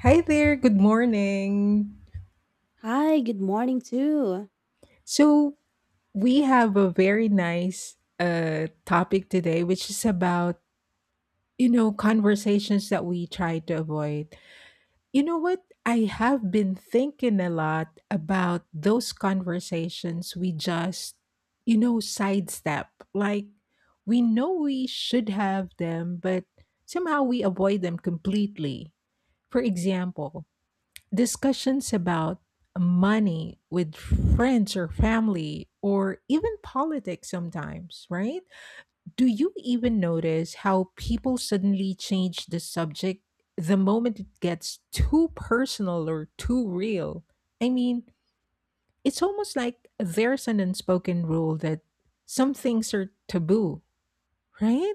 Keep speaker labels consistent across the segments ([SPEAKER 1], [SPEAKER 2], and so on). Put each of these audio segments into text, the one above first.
[SPEAKER 1] Hi there, good morning.
[SPEAKER 2] Hi, good morning too.
[SPEAKER 1] So, we have a very nice topic today which is about, conversations that we try to avoid. You know what? I have been thinking a lot about those conversations we just, sidestep. Like we know we should have them, but somehow we avoid them completely. For example, discussions about money with friends or family or even politics sometimes, right? Do you even notice how people suddenly change the subject the moment it gets too personal or too real? I mean, it's almost like there's an unspoken rule that some things are taboo, right?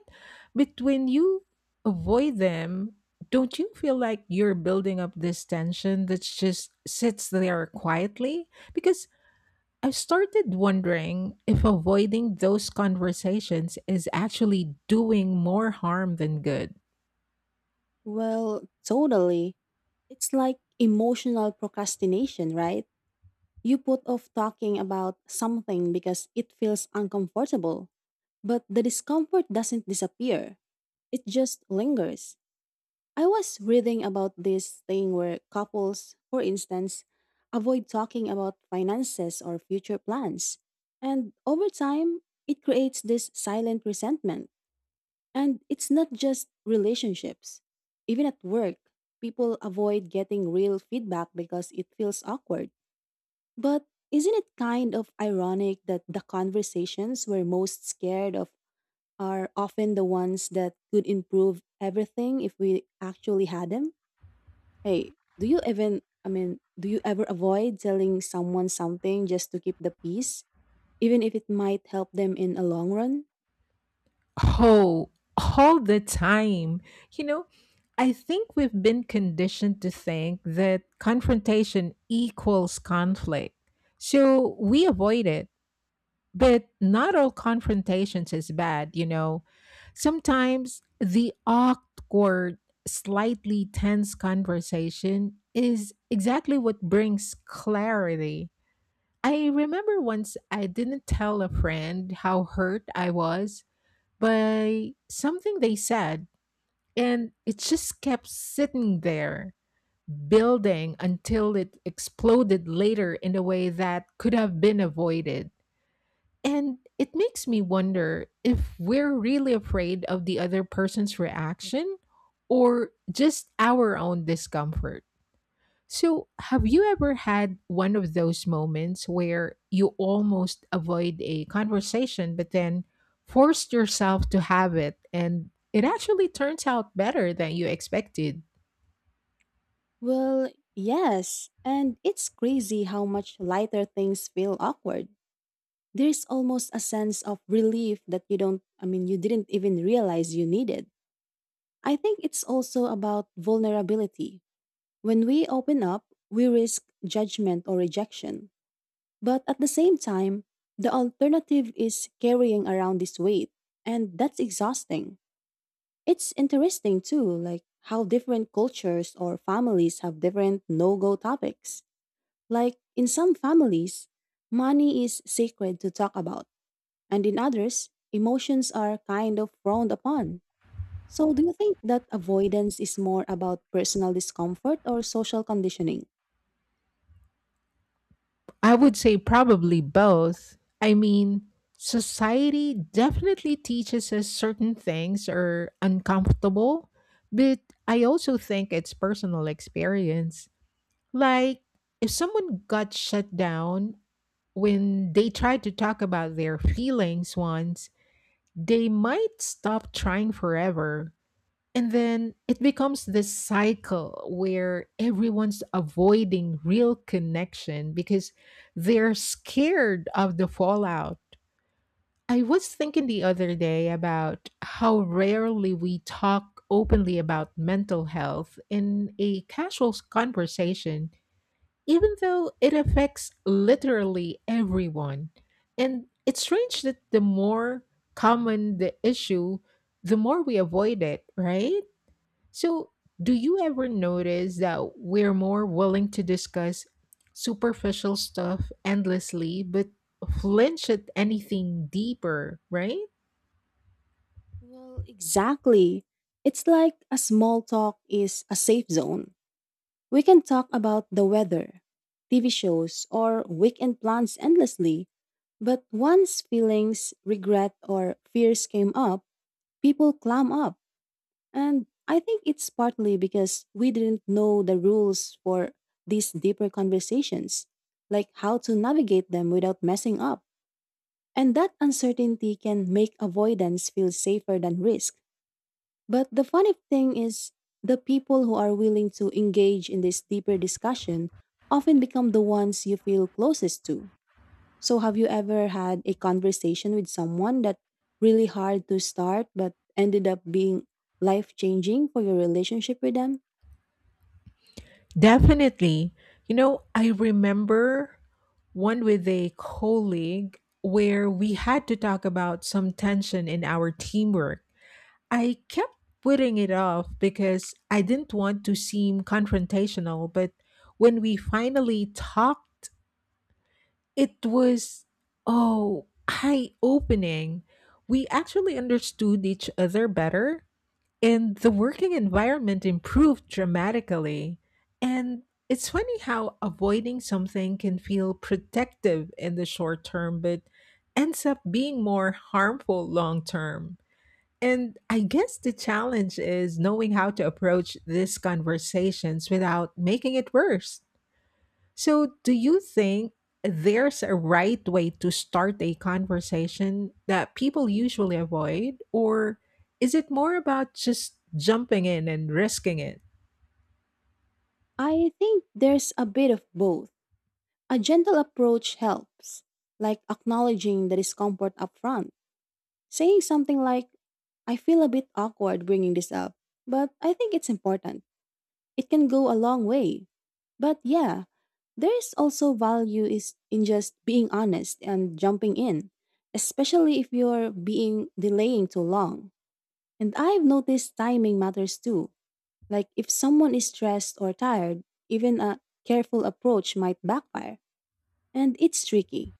[SPEAKER 1] But when you avoid them, don't you feel like you're building up this tension that just sits there quietly? Because I've started wondering if avoiding those conversations is actually doing more harm than good.
[SPEAKER 2] Well, totally. It's like emotional procrastination, right? You put off talking about something because it feels uncomfortable, but the discomfort doesn't disappear. It just lingers. I was reading about this thing where couples, for instance, avoid talking about finances or future plans. And over time, it creates this silent resentment. And it's not just relationships. Even at work, people avoid getting real feedback because it feels awkward. But isn't it kind of ironic that the conversations we're most scared of are often the ones that could improve everything if we actually had them? Hey, do you even, I mean, Do you ever avoid telling someone something just to keep the peace, even if it might help them in a long run?
[SPEAKER 1] Oh, all the time. You know, I think we've been conditioned to think that confrontation equals conflict. So we avoid it. But not all confrontations is bad, you know. Sometimes the awkward, slightly tense conversation is exactly what brings clarity. I remember once I didn't tell a friend how hurt I was by something they said, and it just kept sitting there, building until it exploded later in a way that could have been avoided. And it makes me wonder if we're really afraid of the other person's reaction or just our own discomfort. So, have you ever had one of those moments where you almost avoid a conversation, but then forced yourself to have it and it actually turns out better than you expected?
[SPEAKER 2] Well, yes, and it's crazy how much lighter things feel awkward. There's almost a sense of relief that you don't, I mean, you didn't even realize you needed. I think it's also about vulnerability. When we open up, we risk judgment or rejection. But at the same time, the alternative is carrying around this weight, and that's exhausting. It's interesting too, like how different cultures or families have different no go topics. Like in some families, money is sacred to talk about, and in others, emotions are kind of frowned upon. So, do you think that avoidance is more about personal discomfort or social conditioning?
[SPEAKER 1] I would say probably both. I mean, society definitely teaches us certain things are uncomfortable, but I also think it's personal experience. Like, if someone got shut down when they tried to talk about their feelings once, they might stop trying forever. And then it becomes this cycle where everyone's avoiding real connection because they're scared of the fallout. I was thinking the other day about how rarely we talk openly about mental health in a casual conversation, even though it affects literally everyone. And it's strange that the more common the issue, the more we avoid it, right? So, do you ever notice that we're more willing to discuss superficial stuff endlessly, but flinch at anything deeper, right?
[SPEAKER 2] Well, exactly. It's like a small talk is a safe zone. We can talk about the weather, TV shows, or weekend plans endlessly. But once feelings, regret, or fears came up, people clam up. And I think it's partly because we didn't know the rules for these deeper conversations, like how to navigate them without messing up. And that uncertainty can make avoidance feel safer than risk. But the funny thing is, the people who are willing to engage in this deeper discussion often become the ones you feel closest to. So, have you ever had a conversation with someone that really hard to start but ended up being life changing for your relationship with them?
[SPEAKER 1] Definitely. You know, I remember one with a colleague where we had to talk about some tension in our teamwork. I kept putting it off because I didn't want to seem confrontational, but when we finally talked, it was oh eye opening. We actually understood each other better, and the working environment improved dramatically. And it's funny how avoiding something can feel protective in the short term, but ends up being more harmful long term. And I guess the challenge is knowing how to approach these conversations without making it worse. So, do you think there's a right way to start a conversation that people usually avoid, or is it more about just jumping in and risking it?
[SPEAKER 2] I think there's a bit of both. A gentle approach helps, like acknowledging the discomfort upfront, saying something like, I feel a bit awkward bringing this up, but I think it's important it can go a long way. But yeah, there's also value is in just being honest and jumping in, especially if you're being delaying too long. And I've noticed timing matters too. Like if someone is stressed or tired, even a careful approach might backfire. And it's tricky.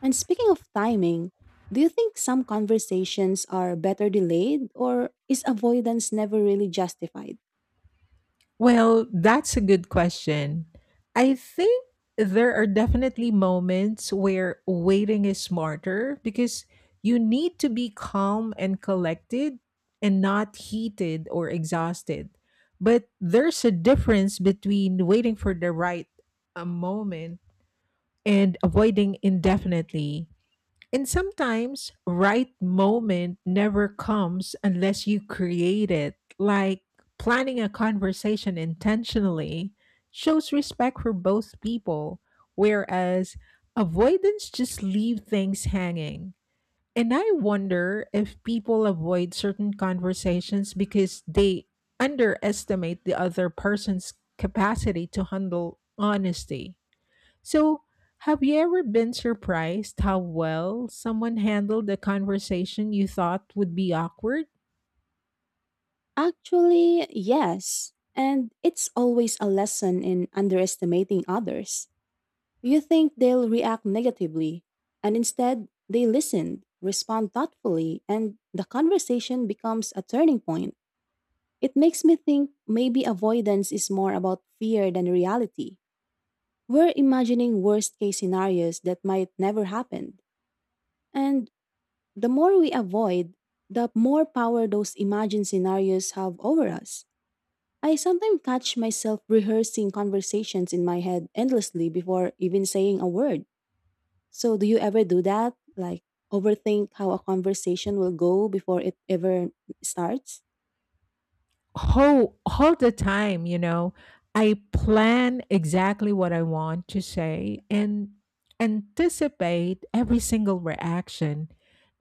[SPEAKER 2] And speaking of timing, do you think some conversations are better delayed or is avoidance never really justified?
[SPEAKER 1] Well, that's a good question. I think there are definitely moments where waiting is smarter because you need to be calm and collected and not heated or exhausted. But there's a difference between waiting for the right moment and avoiding indefinitely. And sometimes right moment never comes unless you create it. Like planning a conversation intentionally shows respect for both people, whereas avoidance just leave things hanging. And I wonder if people avoid certain conversations because they underestimate the other person's capacity to handle honesty. So, have you ever been surprised how well someone handled a conversation you thought would be awkward?
[SPEAKER 2] Actually, yes. And it's always a lesson in underestimating others. You think they'll react negatively, and instead, they listen, respond thoughtfully, and the conversation becomes a turning point. It makes me think maybe avoidance is more about fear than reality. We're imagining worst case scenarios that might never happen. And the more we avoid, the more power those imagined scenarios have over us. I sometimes catch myself rehearsing conversations in my head endlessly before even saying a word. So, do you ever do that? Like, overthink how a conversation will go before it ever starts?
[SPEAKER 1] Oh, all the time, you know. I plan exactly what I want to say and anticipate every single reaction.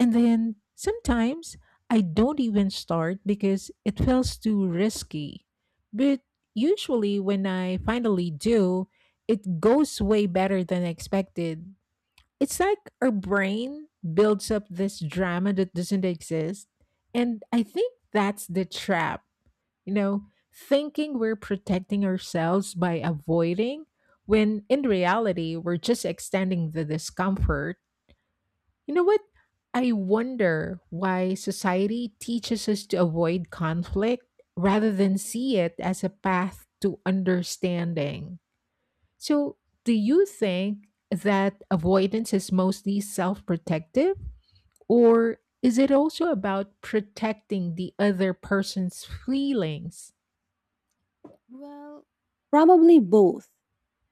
[SPEAKER 1] And then sometimes I don't even start because it feels too risky. But usually, when I finally do, it goes way better than expected. It's like our brain builds up this drama that doesn't exist. And I think that's the trap, you know, thinking we're protecting ourselves by avoiding when in reality we're just extending the discomfort. You know what? I wonder why society teaches us to avoid conflict rather than see it as a path to understanding. So, do you think that avoidance is mostly self protective, or is it also about protecting the other person's feelings?
[SPEAKER 2] Well, probably both.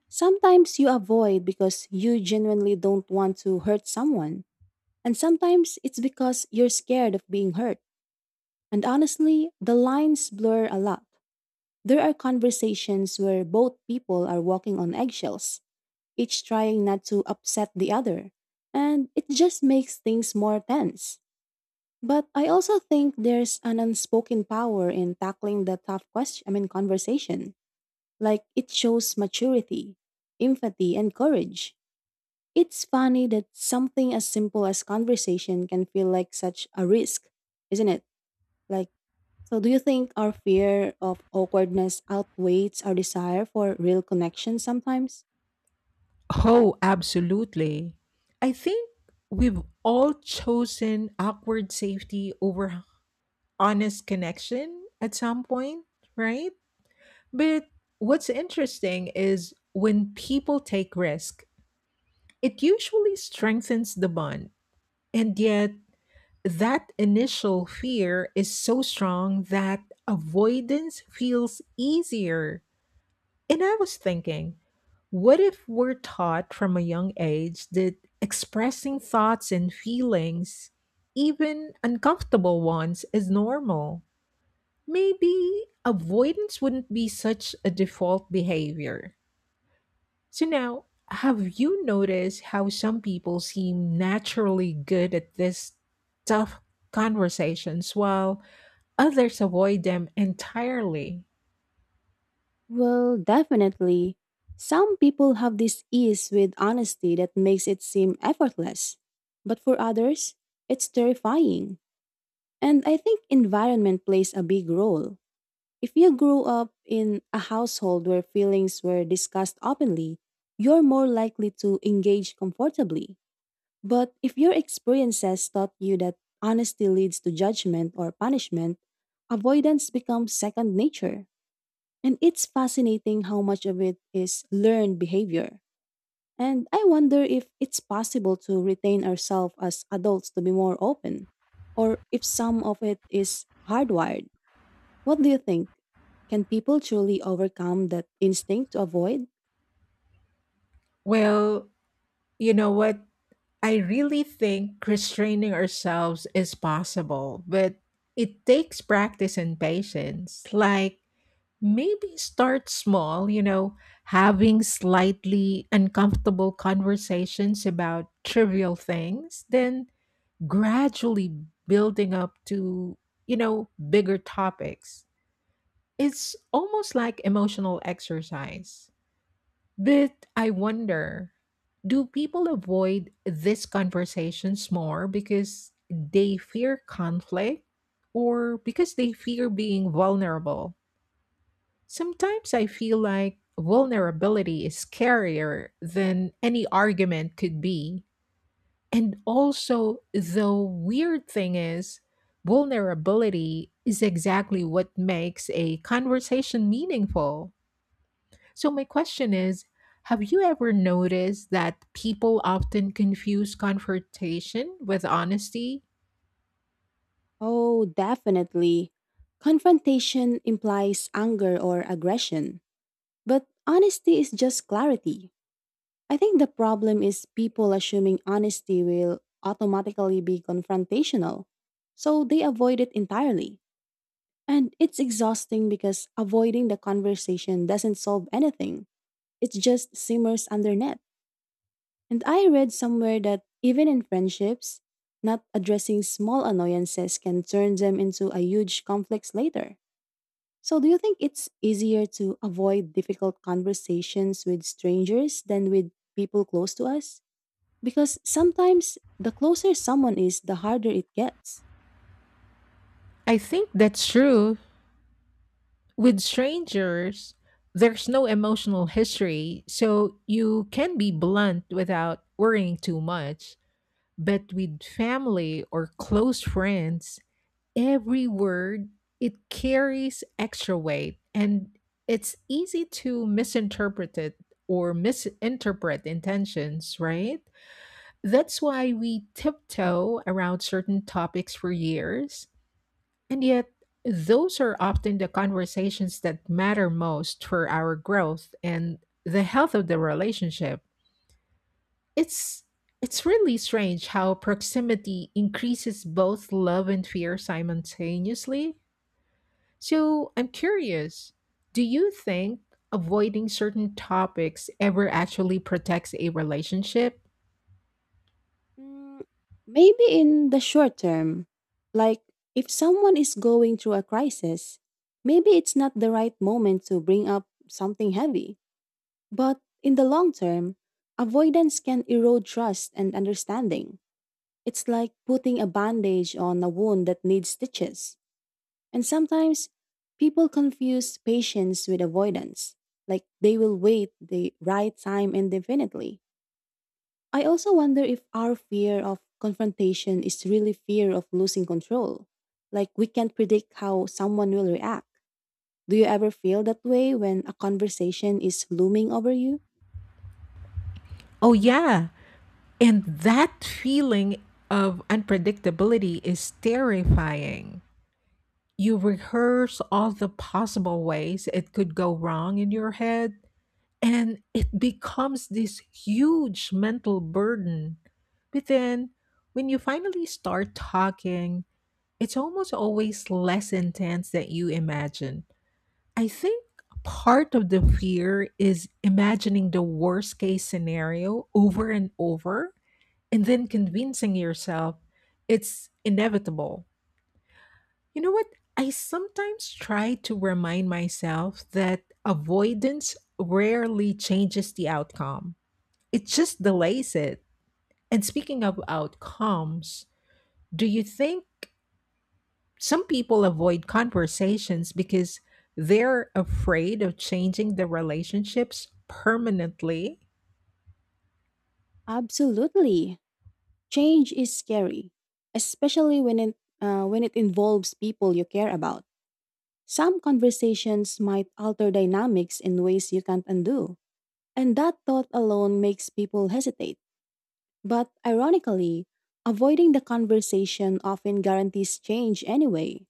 [SPEAKER 2] Sometimes you avoid because you genuinely don't want to hurt someone, and sometimes it's because you're scared of being hurt. And honestly, the lines blur a lot. There are conversations where both people are walking on eggshells. Each trying not to upset the other, and it just makes things more tense. But I also think there's an unspoken power in tackling the tough conversation. Like it shows maturity, empathy, and courage. It's funny that something as simple as conversation can feel like such a risk, isn't it? Like, so do you think our fear of awkwardness outweighs our desire for real connection sometimes?
[SPEAKER 1] Oh, absolutely. I think we've all chosen awkward safety over honest connection at some point, right? But what's interesting is when people take risk, it usually strengthens the bond. And yet, that initial fear is so strong that avoidance feels easier. And I was thinking, what if we're taught from a young age that expressing thoughts and feelings, even uncomfortable ones, is normal? Maybe avoidance wouldn't be such a default behavior. So, now, have you noticed how some people seem naturally good at these tough conversations while others avoid them entirely?
[SPEAKER 2] Well, definitely. Some people have this ease with honesty that makes it seem effortless. But for others, it's terrifying. And I think environment plays a big role. If you grew up in a household where feelings were discussed openly, you're more likely to engage comfortably. But if your experiences taught you that honesty leads to judgment or punishment, avoidance becomes second nature. And it's fascinating how much of it is learned behavior. And I wonder if it's possible to retain ourselves as adults to be more open, or if some of it is hardwired. What do you think? Can people truly overcome that instinct to avoid?
[SPEAKER 1] Well, you know what? I really think restraining ourselves is possible, but it takes practice and patience. Like, maybe start small, you know, having slightly uncomfortable conversations about trivial things, then gradually building up to, bigger topics. It's almost like emotional exercise. But I wonder, do people avoid these conversations more because they fear conflict or because they fear being vulnerable? Sometimes I feel like vulnerability is scarier than any argument could be. And also, the weird thing is, vulnerability is exactly what makes a conversation meaningful. So, my question is, have you ever noticed that people often confuse confrontation with honesty?
[SPEAKER 2] Oh, definitely. Confrontation implies anger or aggression, but honesty is just clarity. I think the problem is people assuming honesty will automatically be confrontational, so they avoid it entirely. And it's exhausting because avoiding the conversation doesn't solve anything, it just simmers underneath. And I read somewhere that even in friendships, not addressing small annoyances can turn them into a huge conflict later. So, do you think it's easier to avoid difficult conversations with strangers than with people close to us? Because sometimes the closer someone is, the harder it gets.
[SPEAKER 1] I think that's true. With strangers, there's no emotional history, so you can be blunt without worrying too much. But with family or close friends, every word, it carries extra weight, and it's easy to misinterpret it or misinterpret intentions, right? That's why we tiptoe around certain topics for years. And yet, those are often the conversations that matter most for our growth and the health of the relationship. It's it's really strange how proximity increases both love and fear simultaneously. So I'm curious, do you think avoiding certain topics ever actually protects a relationship?
[SPEAKER 2] Mm, maybe in the short term, like if someone is going through a crisis, maybe it's not the right moment to bring up something heavy. But in the long term, avoidance can erode trust and understanding. It's like putting a bandage on a wound that needs stitches. And sometimes people confuse patience with avoidance, like they will wait the right time indefinitely. I also wonder if our fear of confrontation is really fear of losing control. Like we can't predict how someone will react. Do you ever feel that way when a conversation is looming over you?
[SPEAKER 1] Oh, yeah. And that feeling of unpredictability is terrifying. You rehearse all the possible ways it could go wrong in your head, and it becomes this huge mental burden. But then, when you finally start talking, it's almost always less intense than you imagine. I think part of the fear is imagining the worst case scenario over and over and then convincing yourself it's inevitable. You know what? I sometimes try to remind myself that avoidance rarely changes the outcome, it just delays it. And speaking of outcomes, do you think some people avoid conversations because they're afraid of changing the relationships permanently?
[SPEAKER 2] Absolutely. Change is scary, especially when it involves people you care about. Some conversations might alter dynamics in ways you can't undo, and that thought alone makes people hesitate. But ironically, avoiding the conversation often guarantees change anyway,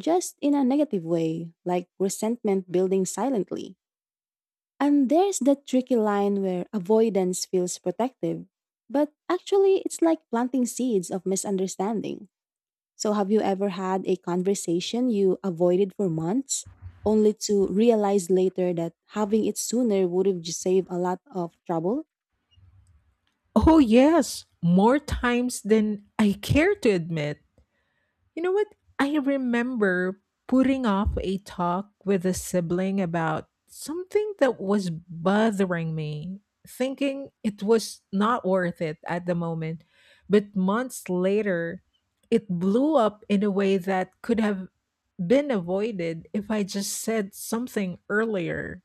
[SPEAKER 2] just in a negative way, like resentment building silently. And there's that tricky line where avoidance feels protective, but actually it's like planting seeds of misunderstanding. So, have you ever had a conversation you avoided for months only to realize later that having it sooner would have just saved a lot of trouble?
[SPEAKER 1] Oh, yes, more times than I care to admit. You know what? I remember putting off a talk with a sibling about something that was bothering me, thinking it was not worth it at the moment. But months later, it blew up in a way that could have been avoided if I just said something earlier.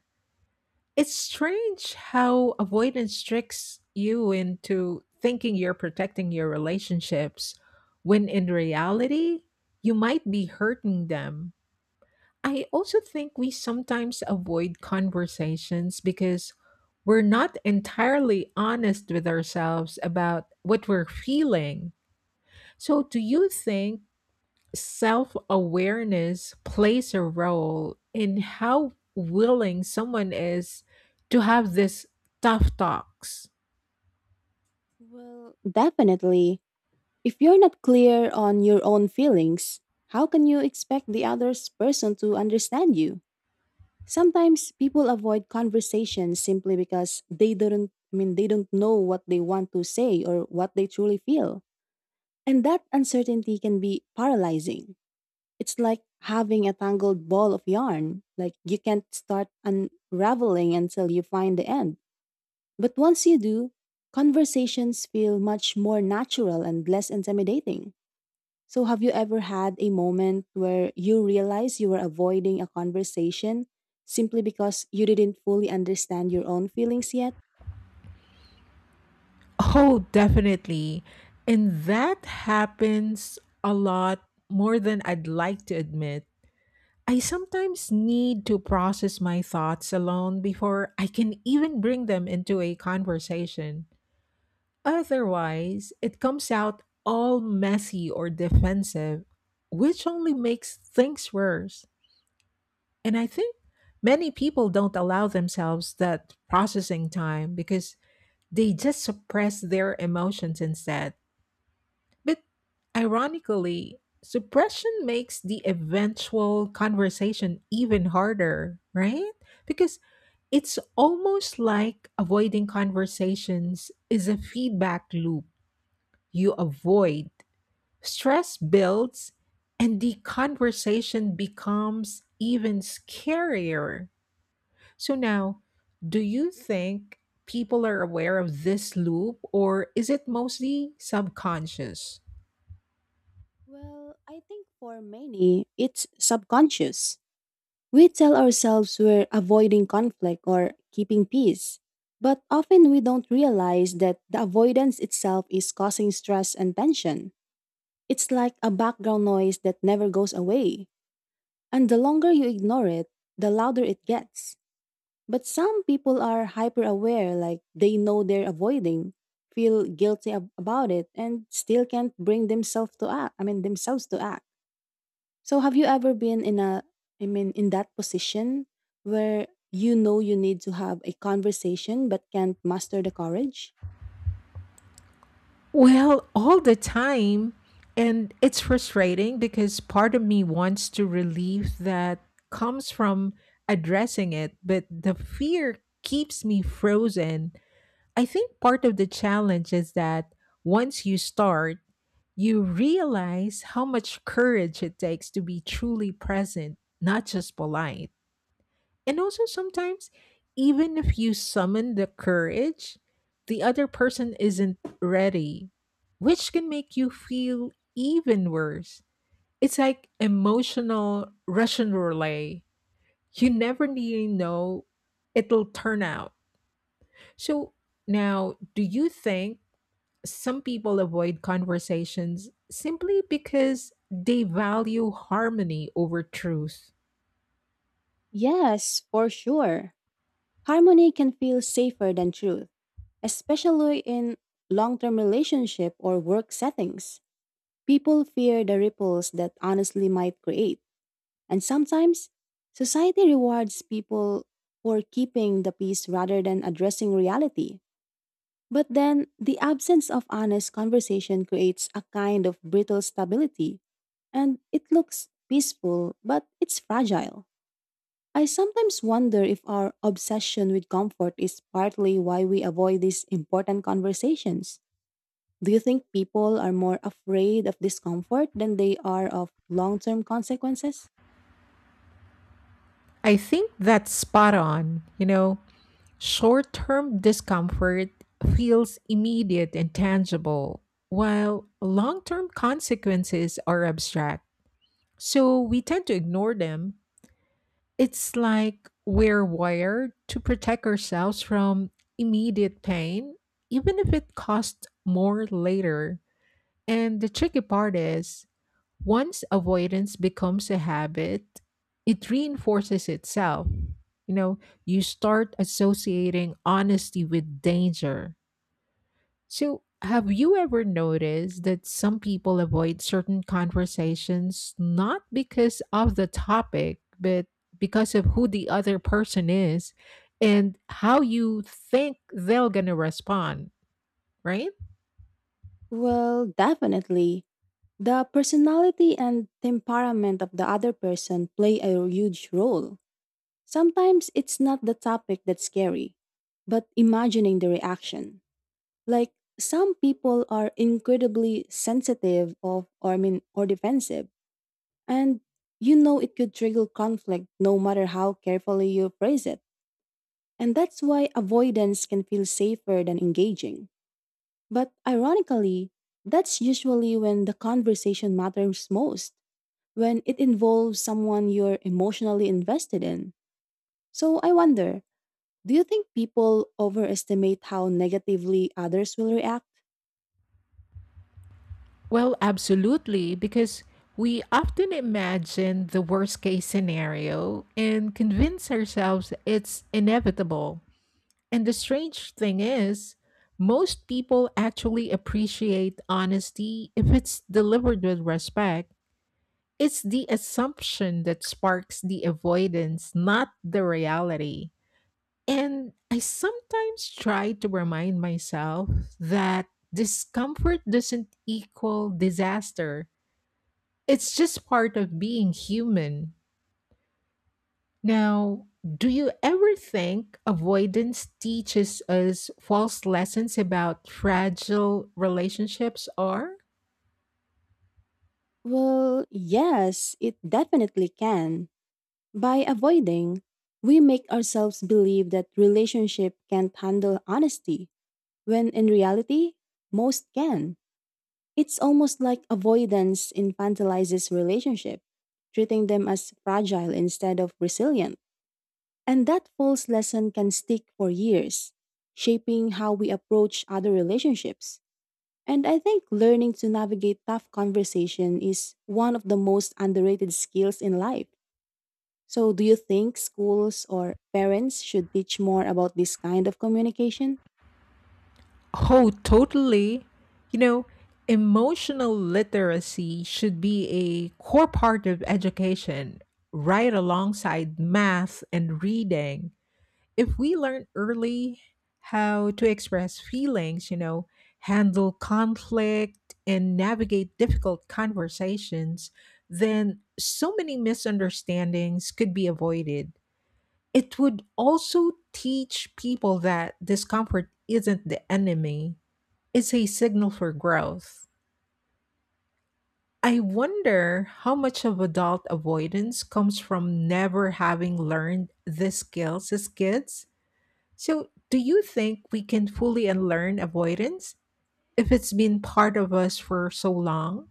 [SPEAKER 1] It's strange how avoidance tricks you into thinking you're protecting your relationships when in reality, you might be hurting them. I also think we sometimes avoid conversations because we're not entirely honest with ourselves about what we're feeling. So, do you think self awareness plays a role in how willing someone is to have this tough talks?
[SPEAKER 2] Well, definitely. If you're not clear on your own feelings, how can you expect the other person to understand you? Sometimes people avoid conversations simply because they don't know what they want to say or what they truly feel. And that uncertainty can be paralyzing. It's like having a tangled ball of yarn. Like you can't start unraveling until you find the end. But once you do, conversations feel much more natural and less intimidating. So, have you ever had a moment where you realize you were avoiding a conversation simply because you didn't fully understand your own feelings yet?
[SPEAKER 1] Oh, definitely. And that happens a lot more than I'd like to admit. I sometimes need to process my thoughts alone before I can even bring them into a conversation. Otherwise, it comes out all messy or defensive, which only makes things worse. And I think many people don't allow themselves that processing time because they just suppress their emotions instead. But ironically, suppression makes the eventual conversation even harder, right? Because it's almost like avoiding conversations is a feedback loop. You avoid, stress builds, and the conversation becomes even scarier. So, now, do you think people are aware of this loop, or is it mostly subconscious?
[SPEAKER 2] Well, I think for many, it's subconscious. We tell ourselves we're avoiding conflict or keeping peace, but often we don't realize that the avoidance itself is causing stress and tension. It's like a background noise that never goes away, and the longer you ignore it, the louder it gets. But some people are hyper aware, like they know they're avoiding, feel guilty about it, and still can't bring themselves to act. So have you ever been in a in that position where you know you need to have a conversation but can't master the courage?
[SPEAKER 1] Well, all the time. And it's frustrating because part of me wants to relieve that comes from addressing it, but the fear keeps me frozen. I think part of the challenge is that once you start, you realize how much courage it takes to be truly present, not just polite. And also, sometimes, even if you summon the courage, the other person isn't ready, which can make you feel even worse. It's like emotional Russian roulette. You never really know it'll turn out. So, now, do you think some people avoid conversations simply because they value harmony over truth?
[SPEAKER 2] Yes, for sure. Harmony can feel safer than truth, especially in long term relationship or work settings. People fear the ripples that honestly might create, and sometimes society rewards people for keeping the peace rather than addressing reality. But then, the absence of honest conversation creates a kind of brittle stability, and it looks peaceful, but it's fragile. I sometimes wonder if our obsession with comfort is partly why we avoid these important conversations. Do you think people are more afraid of discomfort than they are of long term consequences?
[SPEAKER 1] I think that's spot on. You know, short term discomfort feels immediate and tangible, while long term consequences are abstract. So we tend to ignore them. It's like we're wired to protect ourselves from immediate pain, even if it costs more later. And the tricky part is, once avoidance becomes a habit, it reinforces itself. You know, you start associating honesty with danger. So, have you ever noticed that some people avoid certain conversations not because of the topic, but because of who the other person is and how you think they're going to respond, right?
[SPEAKER 2] Well, definitely. The personality and temperament of the other person play a huge role Sometimes it's not the topic that's scary, but imagining the reaction. Like some people are incredibly sensitive of or I mean or defensive and you know it could trigger conflict no matter how carefully you phrase it. And that's why avoidance can feel safer than engaging. But ironically, that's usually when the conversation matters most, when it involves someone you're emotionally invested in. So I wonder, do you think people overestimate how negatively others will react?
[SPEAKER 1] Well, absolutely, because we often imagine the worst case scenario and convince ourselves it's inevitable. And the strange thing is, most people actually appreciate honesty if it's delivered with respect. It's the assumption that sparks the avoidance, not the reality. And I sometimes try to remind myself that discomfort doesn't equal disaster, it's just part of being human. Now, do you ever think avoidance teaches us false lessons about fragile relationships are?
[SPEAKER 2] Well, yes, it definitely can. By avoiding, we make ourselves believe that relationship can't handle honesty, when in reality, most can. It's almost like avoidance infantilizes relationship, treating them as fragile instead of resilient. And that false lesson can stick for years, shaping how we approach other relationships. And I think learning to navigate tough conversation is one of the most underrated skills in life. So, do you think schools or parents should teach more about this kind of communication?
[SPEAKER 1] Oh, totally. You know, emotional literacy should be a core part of education, right alongside math and reading. If we learn early how to express feelings, you know, handle conflict and navigate difficult conversations, then so many misunderstandings could be avoided. It would also teach people that discomfort isn't the enemy, it's a signal for growth. I wonder how much of adult avoidance comes from never having learned these skills as kids. So, do you think we can fully unlearn avoidance if it's been part of us for so long?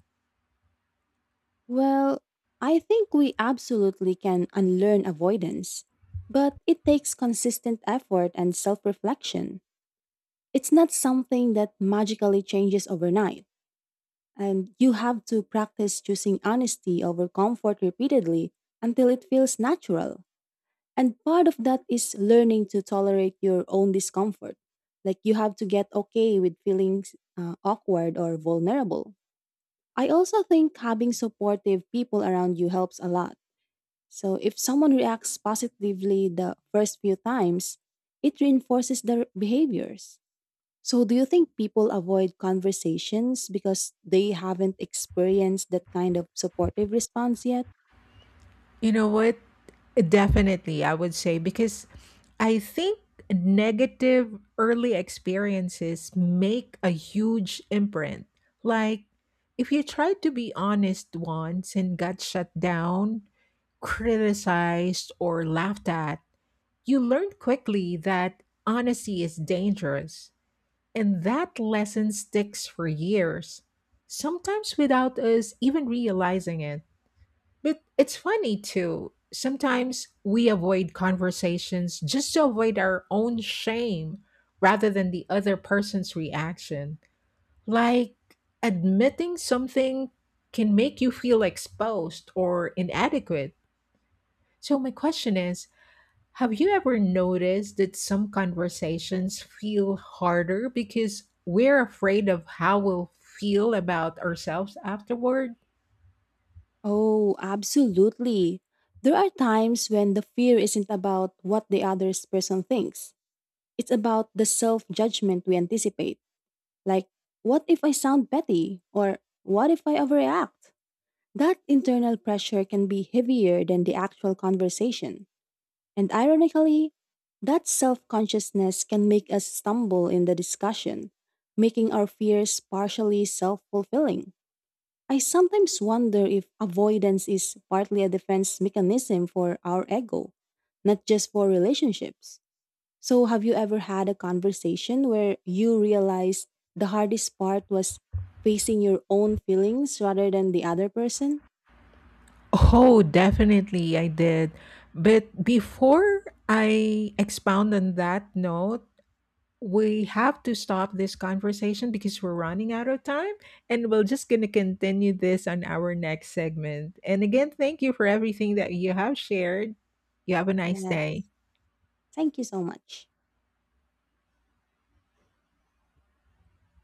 [SPEAKER 2] Well, I think we absolutely can unlearn avoidance, but it takes consistent effort and self reflection. It's not something that magically changes overnight, and you have to practice choosing honesty over comfort repeatedly until it feels natural. And part of that is learning to tolerate your own discomfort. Like you have to get okay with feeling awkward or vulnerable. I also think having supportive people around you helps a lot. So if someone reacts positively the first few times, it reinforces their behaviors. So do you think people avoid conversations because they haven't experienced that kind of supportive response yet?
[SPEAKER 1] You know what? Definitely, I would say, because I think negative early experiences make a huge imprint. Like, if you tried to be honest once and got shut down, criticized, or laughed at, you learn quickly that honesty is dangerous. And that lesson sticks for years, sometimes without us even realizing it. But it's funny too. Sometimes we avoid conversations just to avoid our own shame rather than the other person's reaction. Like admitting something can make you feel exposed or inadequate. So, my question is, have you ever noticed that some conversations feel harder because we're afraid of how we'll feel about ourselves afterward?
[SPEAKER 2] Oh, absolutely. There are times when the fear isn't about what the other person thinks. It's about the self judgment we anticipate. Like, what if I sound petty? Or what if I overreact? That internal pressure can be heavier than the actual conversation. And ironically, that self consciousness can make us stumble in the discussion, making our fears partially self fulfilling. I sometimes wonder if avoidance is partly a defense mechanism for our ego, not just for relationships. So, have you ever had a conversation where you realized the hardest part was facing your own feelings rather than the other person?
[SPEAKER 1] Oh, definitely I did. But before I expound on that note, we have to stop this conversation because we're running out of time, and we're just going to continue this on our next segment. And again, thank you for everything that you have shared. You have a nice
[SPEAKER 2] Yeah.
[SPEAKER 1] day.
[SPEAKER 2] Thank you so much.